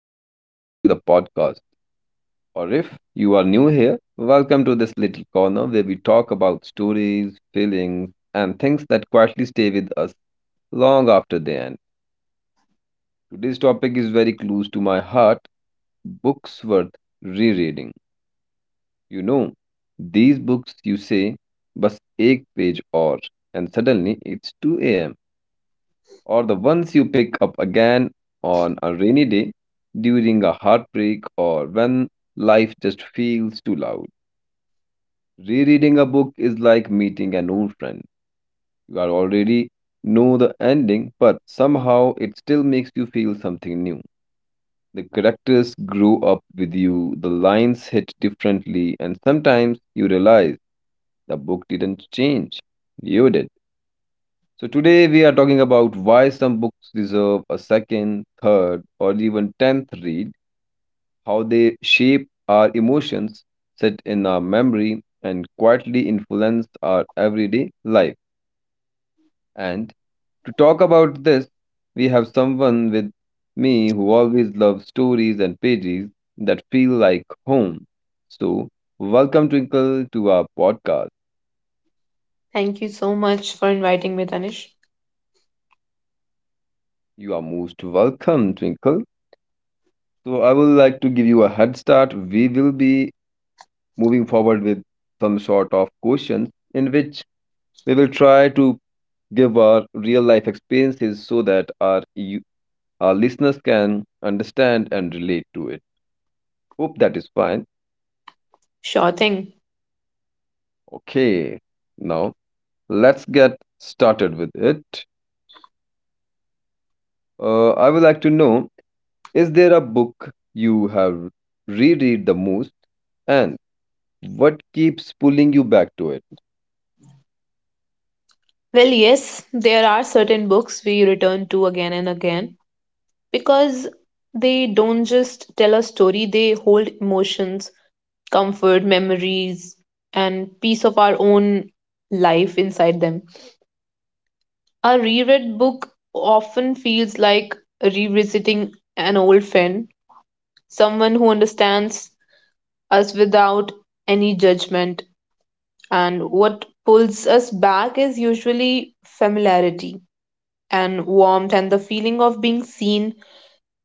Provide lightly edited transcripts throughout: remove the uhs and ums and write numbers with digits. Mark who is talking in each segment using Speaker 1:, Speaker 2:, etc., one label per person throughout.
Speaker 1: and welcome back to the podcast. Or if you are new here, welcome to this little corner where we talk about stories, feelings, and things that quietly stay with us long after they end. Today's topic is very close to my heart books worth rereading. You know, these books you say, bus ek page or, and suddenly it's 2 a.m. or the ones you pick up again on a rainy day, during a heartbreak, or when life just feels too loud. Rereading a book is like meeting an old friend. You are already know the ending, but somehow it still makes you feel something new. The characters grow up with you, the lines hit differently, and sometimes you realize the book didn't change. You did. So, today we are talking about why some books deserve a second, third, or even tenth read, how they shape our emotions, sit in our memory, and quietly influence our everyday life. And to talk about this, we have someone with me who always loves stories and pages that feel like home. So, welcome, Twinkle, to our podcast.
Speaker 2: Thank you so much for inviting me, Tanish.
Speaker 1: You are most welcome, Twinkle. So I would like to give you a head start. We will be moving forward with some sort of questions in which we will try to give our real life experiences so that our listeners can understand and relate to it. Hope that is fine.
Speaker 2: Sure thing.
Speaker 1: Okay, now let's get started with it. I would like to know: is there a book you have reread the most, and what keeps pulling you back to it?
Speaker 2: Well, yes, there are certain books we return to again and again because they don't just tell a story, they hold emotions, comfort, memories, and piece of our own life inside them. A reread book often feels like revisiting an old friend, someone who understands us without any judgment. And what pulls us back is usually familiarity and warmth and the feeling of being seen.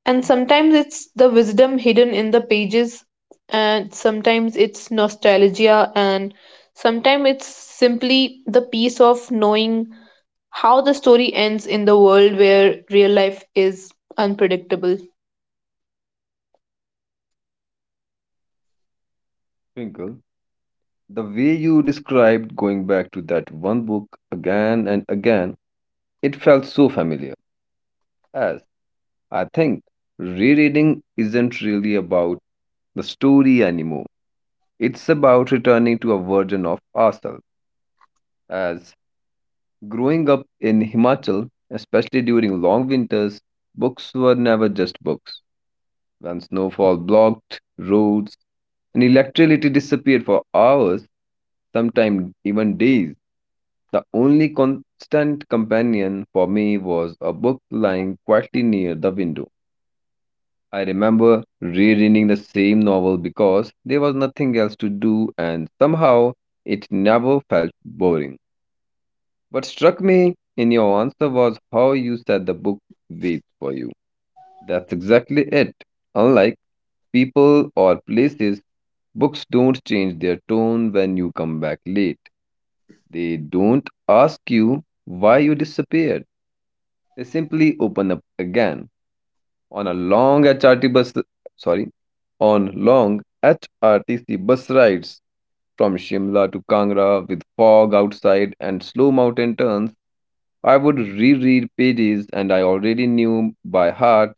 Speaker 2: And sometimes it's the wisdom hidden in the pages, and sometimes it's nostalgia, and sometimes it's simply the peace of knowing how the story ends in the world where real life is unpredictable.
Speaker 1: Twinkle. The way you described going back to that one book again and again, it felt so familiar. As I think rereading isn't really about the story anymore. It's about returning to a version of ourselves. As growing up in Himachal, especially during long winters, books were never just books. When snowfall blocked roads and electricity disappeared for hours, sometimes even days, the only constant companion for me was a book lying quietly near the window. I remember rereading the same novel because there was nothing else to do and somehow it never felt boring. What struck me in your answer was how you said the book waits for you. That's exactly it. Unlike people or places, books don't change their tone when you come back late. They don't ask you why you disappeared. They simply open up again on a long HRT bus sorry on long HRTC bus rides from Shimla to Kangra with fog outside and slow mountain turns, I would reread pages and I already knew by heart,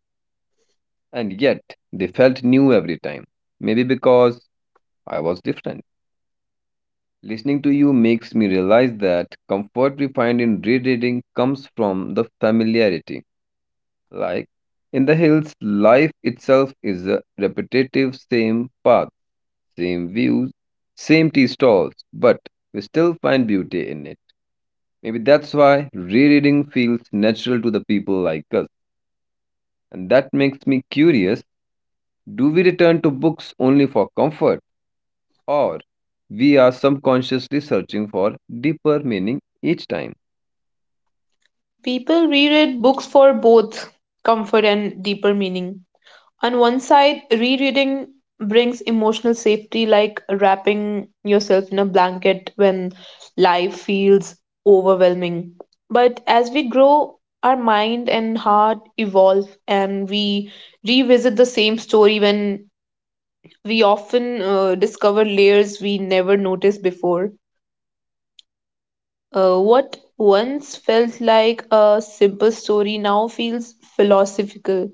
Speaker 1: and yet they felt new every time. Maybe because I was different. Listening to you makes me realize that comfort we find in rereading comes from the familiarity. Like in the hills, life itself is a repetitive same path, same views, same tea stalls, but we still find beauty in it. Maybe that's why rereading feels natural to the people like us. And that makes me curious, do we return to books only for comfort, or we are subconsciously searching for deeper meaning each time?
Speaker 2: People reread books for both comfort and deeper meaning. On one side, rereading brings emotional safety, like wrapping yourself in a blanket when life feels overwhelming. But as we grow, our mind and heart evolve, and we revisit the same story when we often discover layers we never noticed before. What once felt like a simple story now feels philosophical.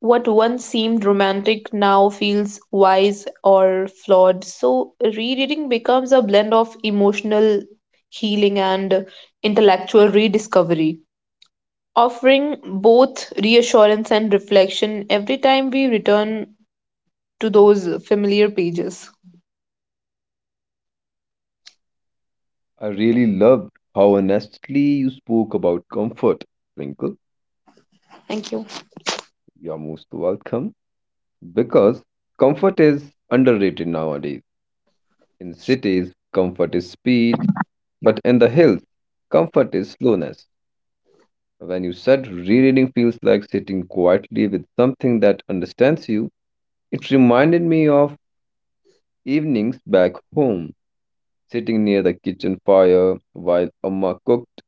Speaker 2: What once seemed romantic now feels wise or flawed. So, rereading becomes a blend of emotional healing and intellectual rediscovery, offering both reassurance and reflection every time we return to those familiar pages.
Speaker 1: I really loved how honestly you spoke about comfort, Twinkle.
Speaker 2: Thank you.
Speaker 1: You're most welcome. Because comfort is underrated nowadays. In cities, comfort is speed, but in the hills, comfort is slowness. When you said rereading feels like sitting quietly with something that understands you, it reminded me of evenings back home, sitting near the kitchen fire while Amma cooked,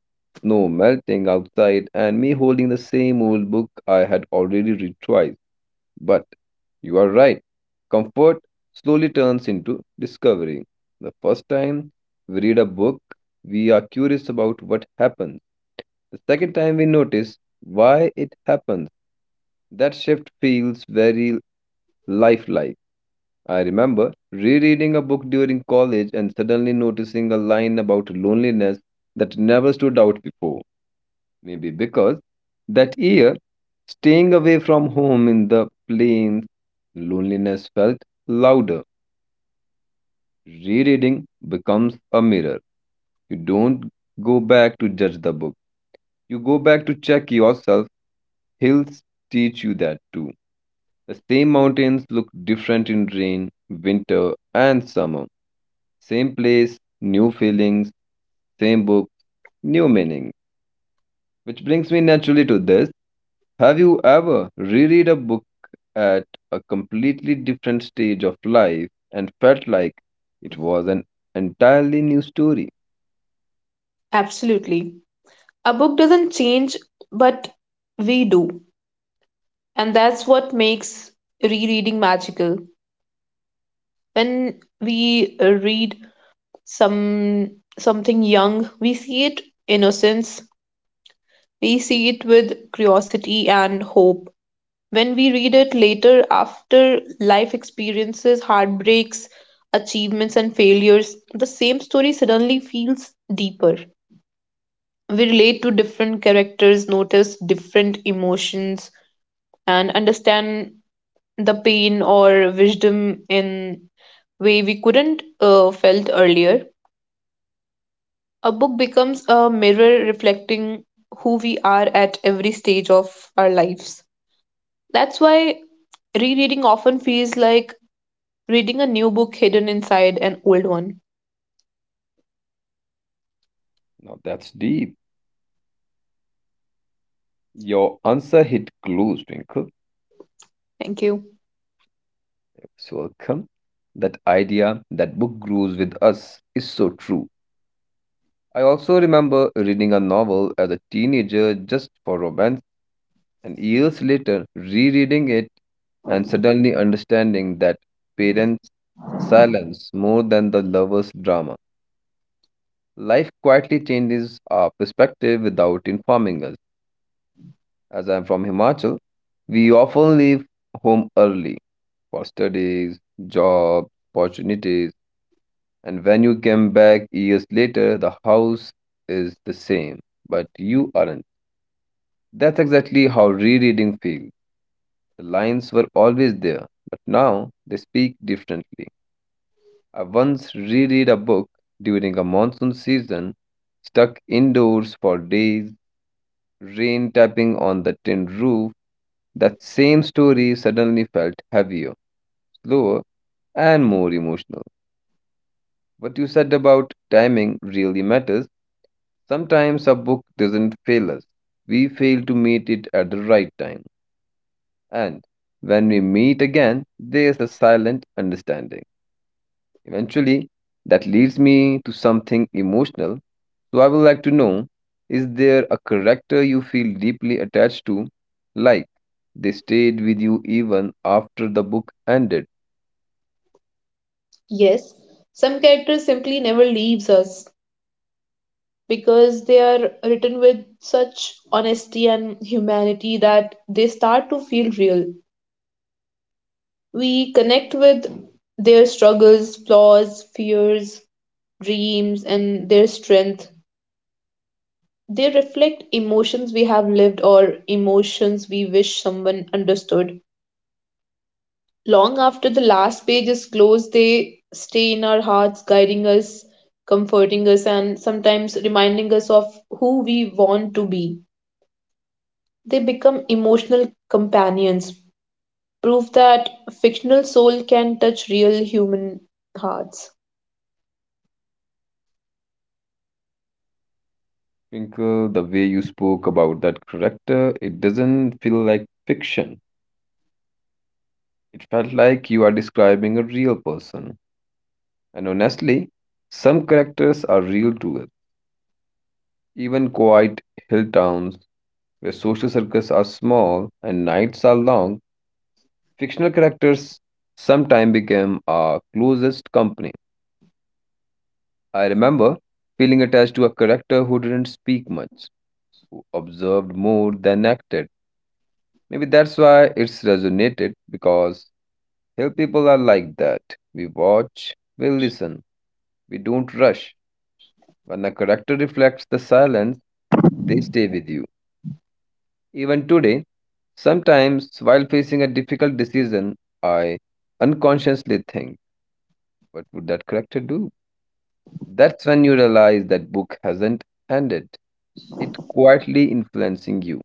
Speaker 1: snow melting outside, and me holding the same old book I had already read twice. But you are right. Comfort slowly turns into discovery. The first time we read a book, we are curious about what happens. The second time we notice why it happens. That shift feels very lifelike. I remember rereading a book during college and suddenly noticing a line about loneliness that never stood out before. Maybe because that year, staying away from home in the plains, loneliness felt louder. Rereading becomes a mirror. You don't go back to judge the book, you go back to check yourself. Hills teach you that too. The same mountains look different in rain, winter, and summer. Same place, new feelings, same book, new meaning. Which brings me naturally to this. Have you ever reread a book at a completely different stage of life and felt like it was an entirely new story?
Speaker 2: Absolutely. A book doesn't change, but we do. And that's what makes rereading magical. When we read some something young, we see it innocence, we see it with curiosity and hope. When we read it later, after life experiences, heartbreaks, achievements and failures, the same story suddenly feels deeper. We relate to different characters, notice different emotions, and understand the pain or wisdom in way we couldn't felt earlier. A book becomes a mirror reflecting who we are at every stage of our lives. That's why rereading often feels like reading a new book hidden inside an old one.
Speaker 1: Now that's deep. Your answer hit close, Twinkle.
Speaker 2: Thank you.
Speaker 1: So welcome. That idea that book grows with us is so true. I also remember reading a novel as a teenager just for romance. And years later, rereading it and suddenly understanding that parents' silence more than the lover's drama. Life quietly changes our perspective without informing us. As I'm from Himachal, we often leave home early for studies, jobs, opportunities, and when you come back years later, the house is the same, but you aren't. That's exactly how rereading feels. The lines were always there, but now they speak differently. I once reread a book during a monsoon season, stuck indoors for days, rain tapping on the tin roof. That same story suddenly felt heavier, slower, and more emotional. What you said about timing really matters. Sometimes a book doesn't fail us, we fail to meet it at the right time. And when we meet again, there's a silent understanding. Eventually, that leads me to something emotional. So, I would like to know, is there a character you feel deeply attached to, like they stayed with you even after the book ended?
Speaker 2: Yes, some characters simply never leaves us because they are written with such honesty and humanity that they start to feel real. We connect with their struggles, flaws, fears, dreams, and their strength. They reflect emotions we have lived or emotions we wish someone understood. Long after the last page is closed, they stay in our hearts, guiding us, comforting us, and sometimes reminding us of who we want to be. They become emotional companions, proof that fictional soul can touch real human hearts.
Speaker 1: Twinkle, the way you spoke about that character, it doesn't feel like fiction. It felt like you are describing a real person. And honestly, some characters are real to us. Even quiet hill towns where social circles are small and nights are long, fictional characters sometime became our closest company. I remember feeling attached to a character who didn't speak much, who observed more than acted. Maybe that's why it's resonated because hill people are like that. We watch, we listen, we don't rush. When a character reflects the silence, they stay with you. Even today, sometimes while facing a difficult decision, I unconsciously think, what would that character do? That's when you realize that book hasn't ended. It quietly influencing you.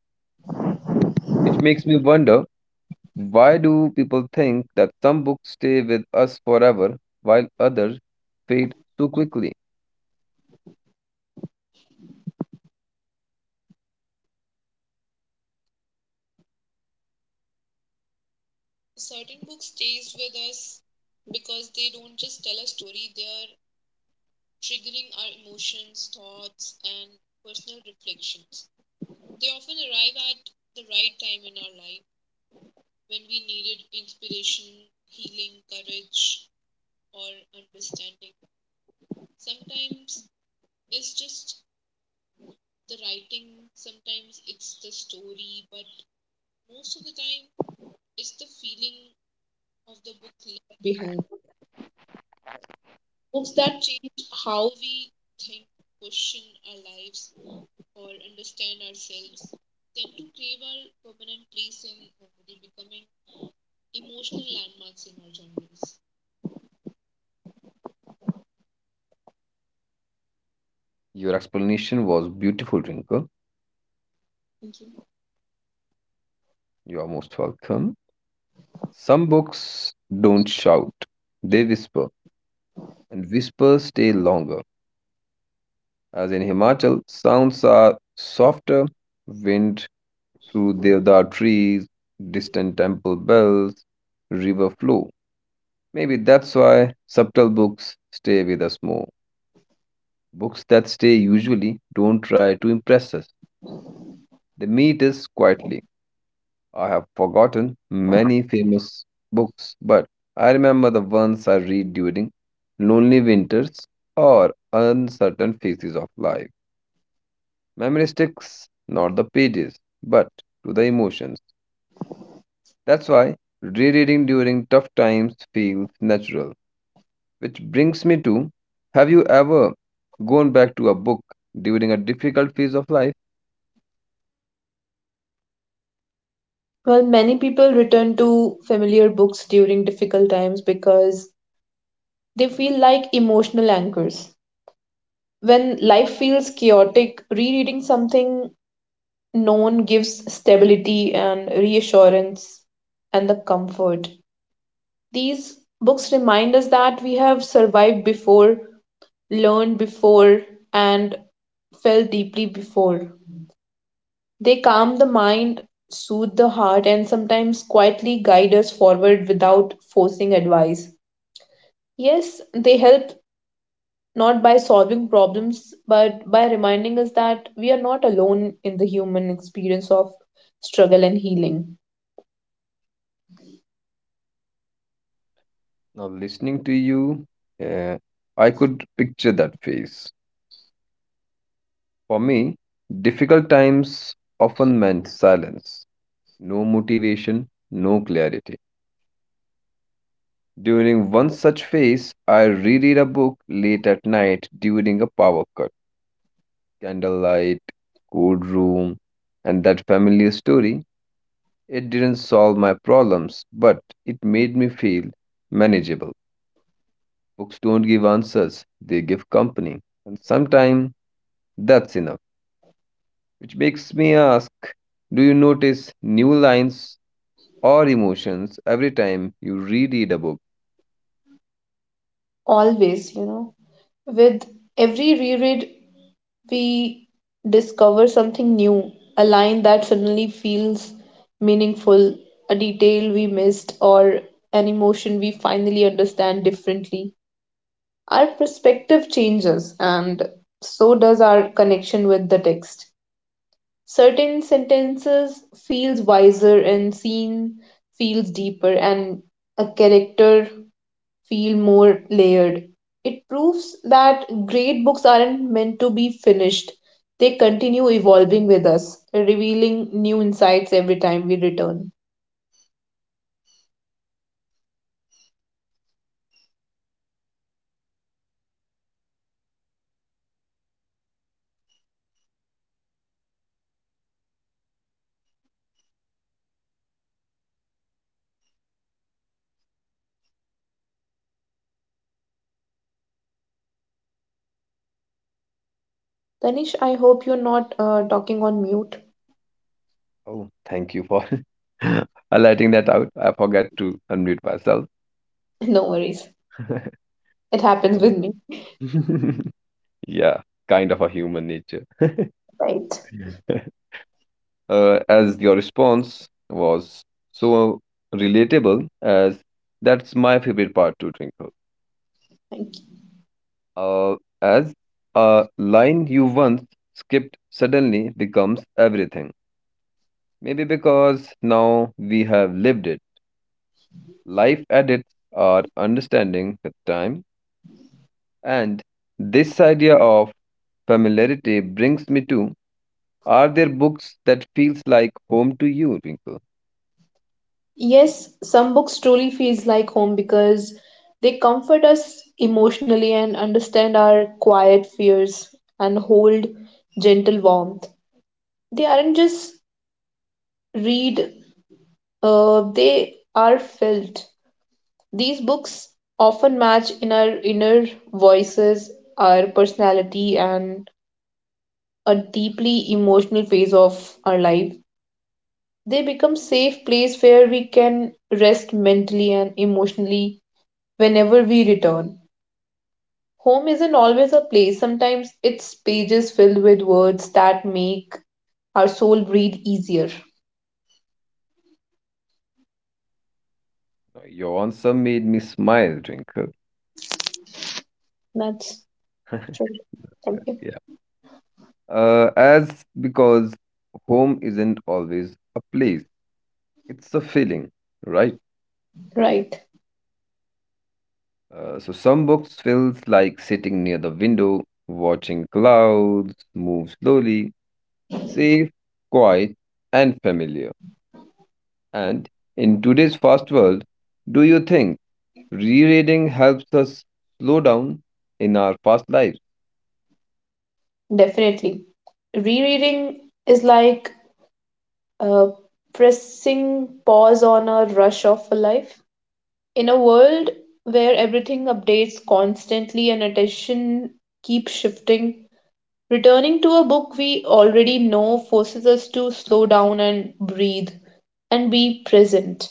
Speaker 1: Which makes me wonder, why do people think that some books stay with us forever while others fade so quickly?
Speaker 2: Certain books stays with us because they don't just tell a story, they are triggering our emotions, thoughts, and personal reflections. They often arrive at the right time in our life when we needed inspiration, healing, courage, or understanding. Sometimes it's just the writing, sometimes it's the story, but most of the time it's the feeling of the book left behind. Books that change how we think, question our lives, or understand ourselves tend to crave our permanent place in memory, becoming emotional landmarks in our journeys.
Speaker 1: Your explanation was beautiful, Rinka.
Speaker 2: Thank you.
Speaker 1: You are most welcome. Some books don't shout, they whisper, and whispers stay longer. As in Himachal, sounds are softer, wind through deodar trees, distant temple bells, river flow. Maybe that's why subtle books stay with us more. Books that stay usually don't try to impress us. They meet us quietly. I have forgotten many famous books, but I remember the ones I read during lonely winters or uncertain phases of life. Memory sticks not the pages, but to the emotions. That's why rereading during tough times feels natural. Which brings me to, have you ever gone back to a book during a difficult phase of life?
Speaker 2: Well, many people return to familiar books during difficult times because they feel like emotional anchors. When life feels chaotic, rereading something known gives stability and reassurance and the comfort. These books remind us that we have survived before, learned before, and felt deeply before. They calm the mind, soothe the heart, and sometimes quietly guide us forward without forcing advice. Yes, they help not by solving problems, but by reminding us that we are not alone in the human experience of struggle and healing.
Speaker 1: Now, listening to you, uh, I could picture that phase. For me, difficult times often meant silence, no motivation, no clarity. During one such phase, I reread a book late at night during a power cut, candlelight, cold room, and that familiar story, it didn't solve my problems, but it made me feel manageable. Books don't give answers, they give company. And sometimes that's enough. Which makes me ask, do you notice new lines or emotions every time you reread a book?
Speaker 2: Always, you know, with every reread, we discover something new, a line that suddenly feels meaningful, a detail we missed, or an emotion we finally understand differently. Our perspective changes, and so does our connection with the text. Certain sentences feels wiser and scene feels deeper and a character feel more layered. It proves that great books aren't meant to be finished, they continue evolving with us, revealing new insights every time we return. Tanish, I hope you're not talking on mute.
Speaker 1: Oh, thank you for highlighting that out. I forgot to unmute myself.
Speaker 2: No worries, it happens
Speaker 1: Oh.
Speaker 2: with me.
Speaker 1: Yeah, kind of a human nature.
Speaker 2: Right.
Speaker 1: As your response was so relatable, as that's my favorite part to Twinkle,
Speaker 2: Thank you.
Speaker 1: uh, as a line you once skipped suddenly becomes everything, maybe because now we have lived it. Life edits our understanding with time. And this idea of familiarity brings me to, are there books that feels like home to you, Twinkle?
Speaker 2: Yes, some books truly feels like home because they comfort us emotionally and understand our quiet fears and hold gentle warmth. They aren't just read, they are felt. These books often match in our inner voices, our personality, and a deeply emotional phase of our life. They become safe place where we can rest mentally and emotionally whenever we return. Home isn't always a place. Sometimes it's pages filled with words that make our soul breathe easier.
Speaker 1: Your answer made me smile, Twinkle.
Speaker 2: That's true.
Speaker 1: Yeah,
Speaker 2: Thank you.
Speaker 1: yeah. As because home isn't always a place, it's a feeling, right?
Speaker 2: Right.
Speaker 1: So some books feels like sitting near the window, watching clouds move slowly, safe, quiet, and familiar. And in today's fast world, do you think rereading helps us slow down in our fast lives?
Speaker 2: Definitely. Rereading is like uh, pressing pause on a rush of life. In a world where everything updates constantly and attention keeps shifting, returning to a book we already know forces us to slow down and breathe and be present.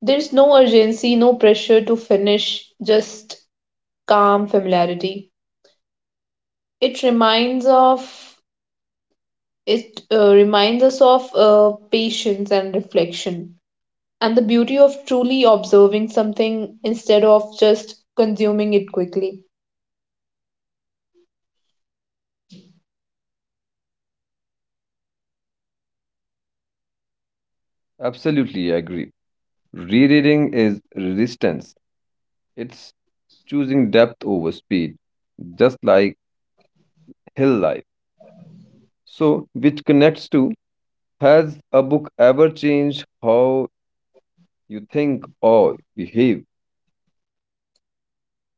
Speaker 2: There's no urgency, no pressure to finish, just calm familiarity. It reminds of It reminds us of patience and reflection and the beauty of truly observing something instead of just consuming it quickly.
Speaker 1: Absolutely, I agree. Rereading is resistance. It's choosing depth over speed. Just like hill life. So, which connects to, has a book ever changed how you think or behave?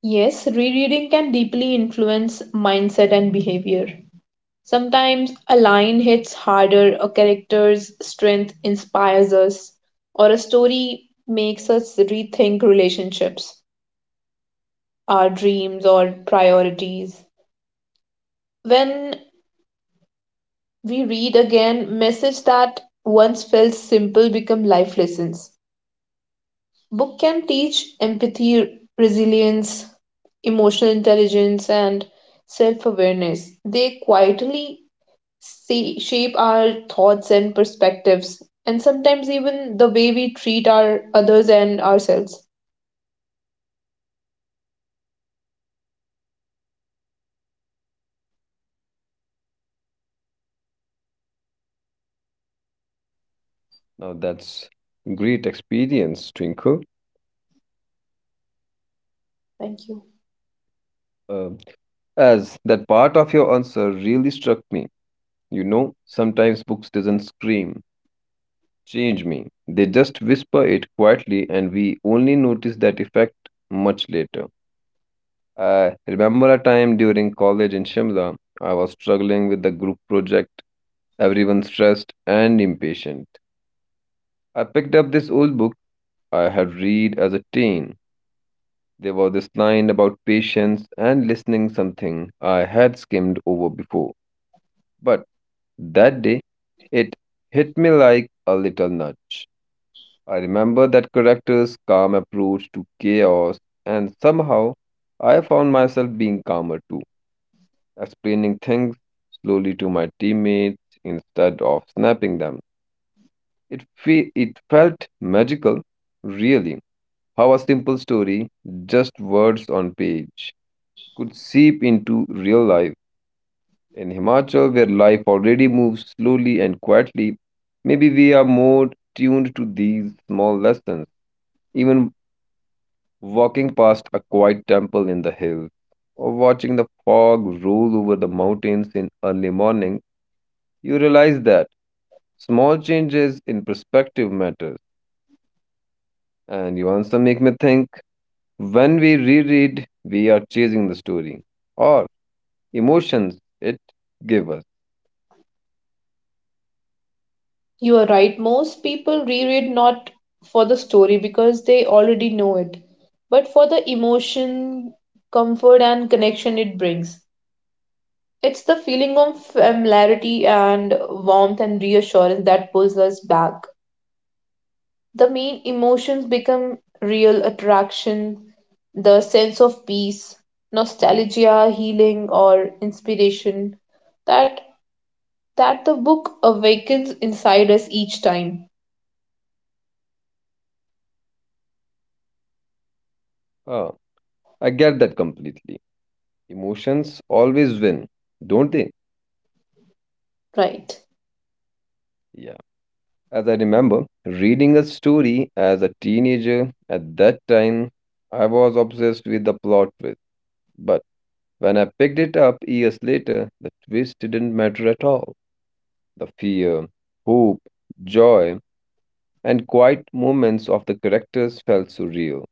Speaker 2: Yes, rereading can deeply influence mindset and behavior. Sometimes a line hits harder, a character's strength inspires us, or a story makes us rethink relationships, our dreams, or priorities. When we read again, message that once felt simple become life lessons. Book can teach empathy, resilience, emotional intelligence, and self-awareness. They quietly say, shape our thoughts and perspectives and sometimes even the way we treat our others and ourselves.
Speaker 1: Now, that's great experience, Twinkle.
Speaker 2: Thank you.
Speaker 1: Uh, as that part of your answer really struck me. You know, sometimes books doesn't scream, change me. They just whisper it quietly, and we only notice that effect much later. I remember a time during college in Shimla, I was struggling with the group project, everyone stressed and impatient. I picked up this old book I had read as a teen. There was this line about patience and listening, something I had skimmed over before. But that day, it hit me like a little nudge. I remember that character's calm approach to chaos, and somehow I found myself being calmer too, explaining things slowly to my teammates instead of snapping them. It felt magical, really, how a simple story, just words on page, could seep into real life. In Himachal, where life already moves slowly and quietly, maybe we are more tuned to these small lessons. Even walking past a quiet temple in the hills, or watching the fog roll over the mountains in early morning, you realize that small changes in perspective matters. And you also make me think. When we reread, we are chasing the story or emotions it gave us.
Speaker 2: You are right. Most people reread not for the story because they already know it, but for the emotion, comfort, and connection it brings. It's the feeling of familiarity and warmth and reassurance that pulls us back. The main emotions become real attraction, the sense of peace, nostalgia, healing, or inspiration that the book awakens inside us each time.
Speaker 1: Ah, I get that completely. Emotions always win, don't they?
Speaker 2: Right.
Speaker 1: Yeah. As I remember, reading a story as a teenager at that time, I was obsessed with the plot twist. But when I picked it up years later, the twist didn't matter at all. The fear, hope, joy, and quiet moments of the characters felt surreal.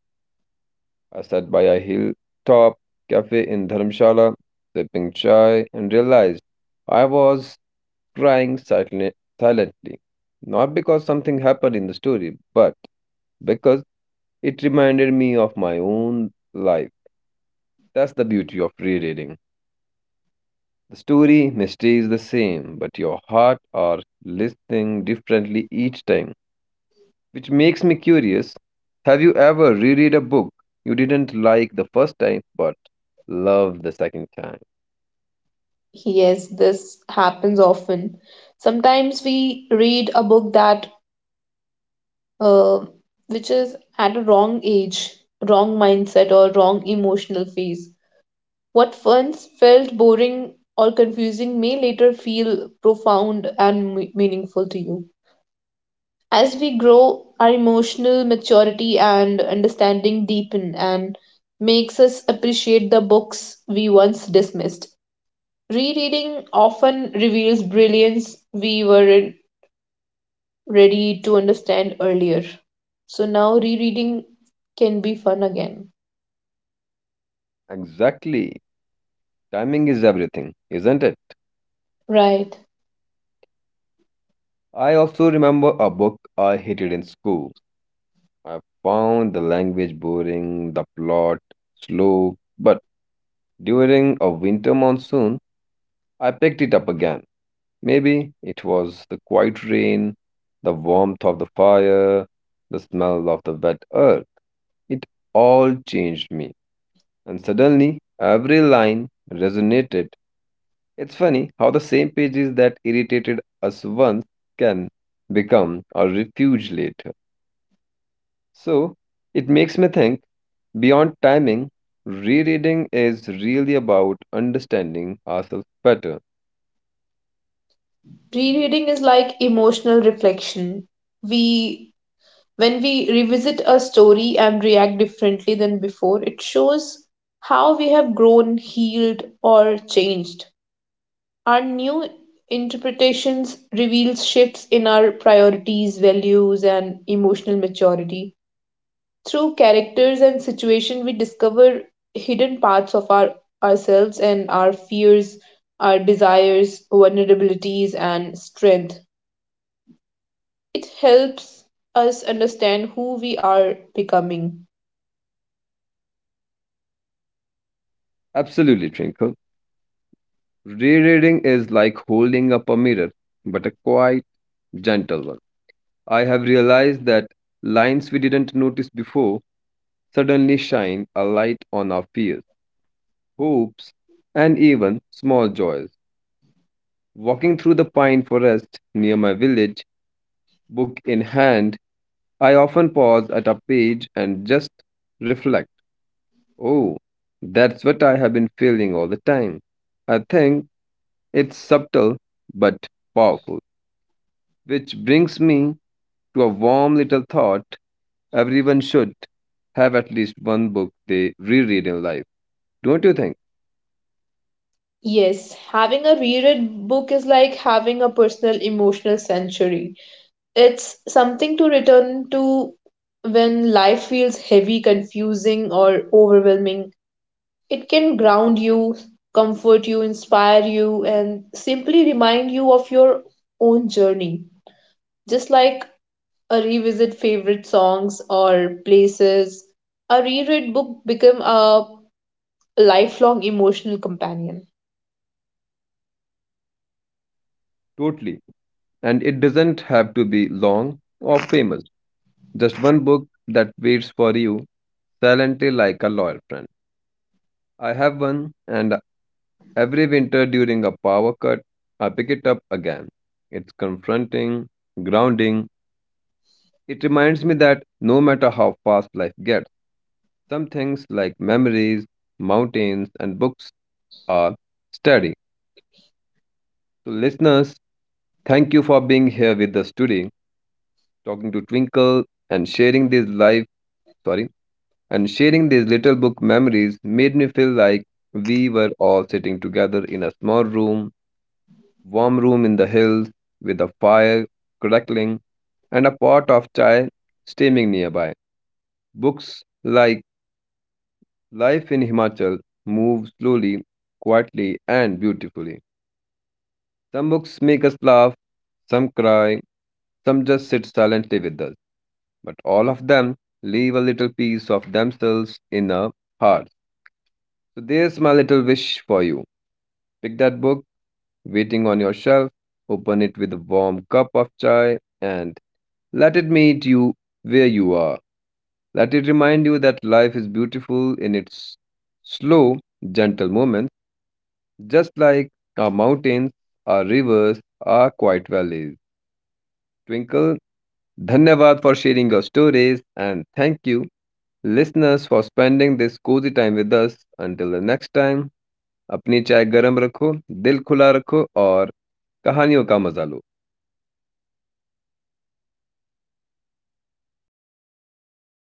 Speaker 1: I sat by a hilltop cafe in Dharamshala, sipping chai, and realized I was crying silently. Not because something happened in the story, but because it reminded me of my own life. That's the beauty of rereading. The story may stay the same, but your heart are listening differently each time, which makes me curious. Have you ever reread a book you didn't like the first time, but loved the second time?
Speaker 2: Yes, this happens often. Sometimes we read a book that uh, which is at a wrong age, wrong mindset, or wrong emotional phase. What once felt boring or confusing may later feel profound and meaningful to you. As we grow, our emotional maturity and understanding deepen and makes us appreciate the books we once dismissed. Rereading often reveals brilliance we weren't ready to understand earlier. So now rereading can be fun again.
Speaker 1: Exactly. Timing is everything, isn't it?
Speaker 2: Right.
Speaker 1: I also remember a book I hated in school. I found the language boring, the plot slow, but during a winter monsoon, I picked it up again. Maybe it was the quiet rain, the warmth of the fire, the smell of the wet earth. It all changed me, and suddenly every line resonated. It's funny how the same pages that irritated us once can become a refuge later. So it makes me think, beyond timing, rereading is really about understanding ourselves better.
Speaker 2: Rereading is like emotional reflection. We When we revisit a story and react differently than before, it shows how we have grown, healed, or changed. Our new interpretations reveals shifts in our priorities, values, and emotional maturity. Through characters and situation, we discover hidden parts of ourselves and our fears, our desires, vulnerabilities, and strength. It helps us understand who we are becoming.
Speaker 1: Absolutely, Twinkle. Rereading is like holding up a mirror, but a quite gentle one. I have realized that lines we didn't notice before suddenly shine a light on our fears, hopes, and even small joys. Walking through the pine forest near my village, book in hand, I often pause at a page and just reflect. Oh, that's what I have been feeling all the time. I think it's subtle but powerful, which brings me to a warm little thought, everyone should have at least one book they reread in life. Don't you think?
Speaker 2: Yes, having a reread book is like having a personal emotional sanctuary. It's something to return to when life feels heavy, confusing, or overwhelming. It can ground you, comfort you, inspire you, and simply remind you of your own journey. Just like a revisit favorite songs or places, a reread book become a lifelong emotional companion.
Speaker 1: Totally. And it doesn't have to be long or famous. Just one book that waits for you silently like a loyal friend. I have one, and every winter during a power cut, I pick it up again. It's confronting, grounding. It reminds me that no matter how fast life gets, some things like memories, mountains, and books are steady. So, listeners, thank you for being here with us today, talking to Twinkle and sharing this life. Sorry, and sharing these little book memories made me feel like we were all sitting together in a small room, warm room in the hills, with a fire crackling and a pot of chai steaming nearby. Books like Life in Himachal move slowly, quietly, and beautifully. Some books make us laugh, some cry, some just sit silently with us, but all of them leave a little piece of themselves in our hearts. So there's my little wish for you. Pick that book waiting on your shelf, open it with a warm cup of chai, and let it meet you where you are. Let it remind you that life is beautiful in its slow, gentle moments, just like our mountains, our rivers, our quiet valleys. Twinkle, dhanyavad for sharing your stories, and thank you, listeners, for spending this cozy time with us. Until the next time, अपनी चाय गरम रखो, दिल खुला रखो और कहानियों का मजा लो.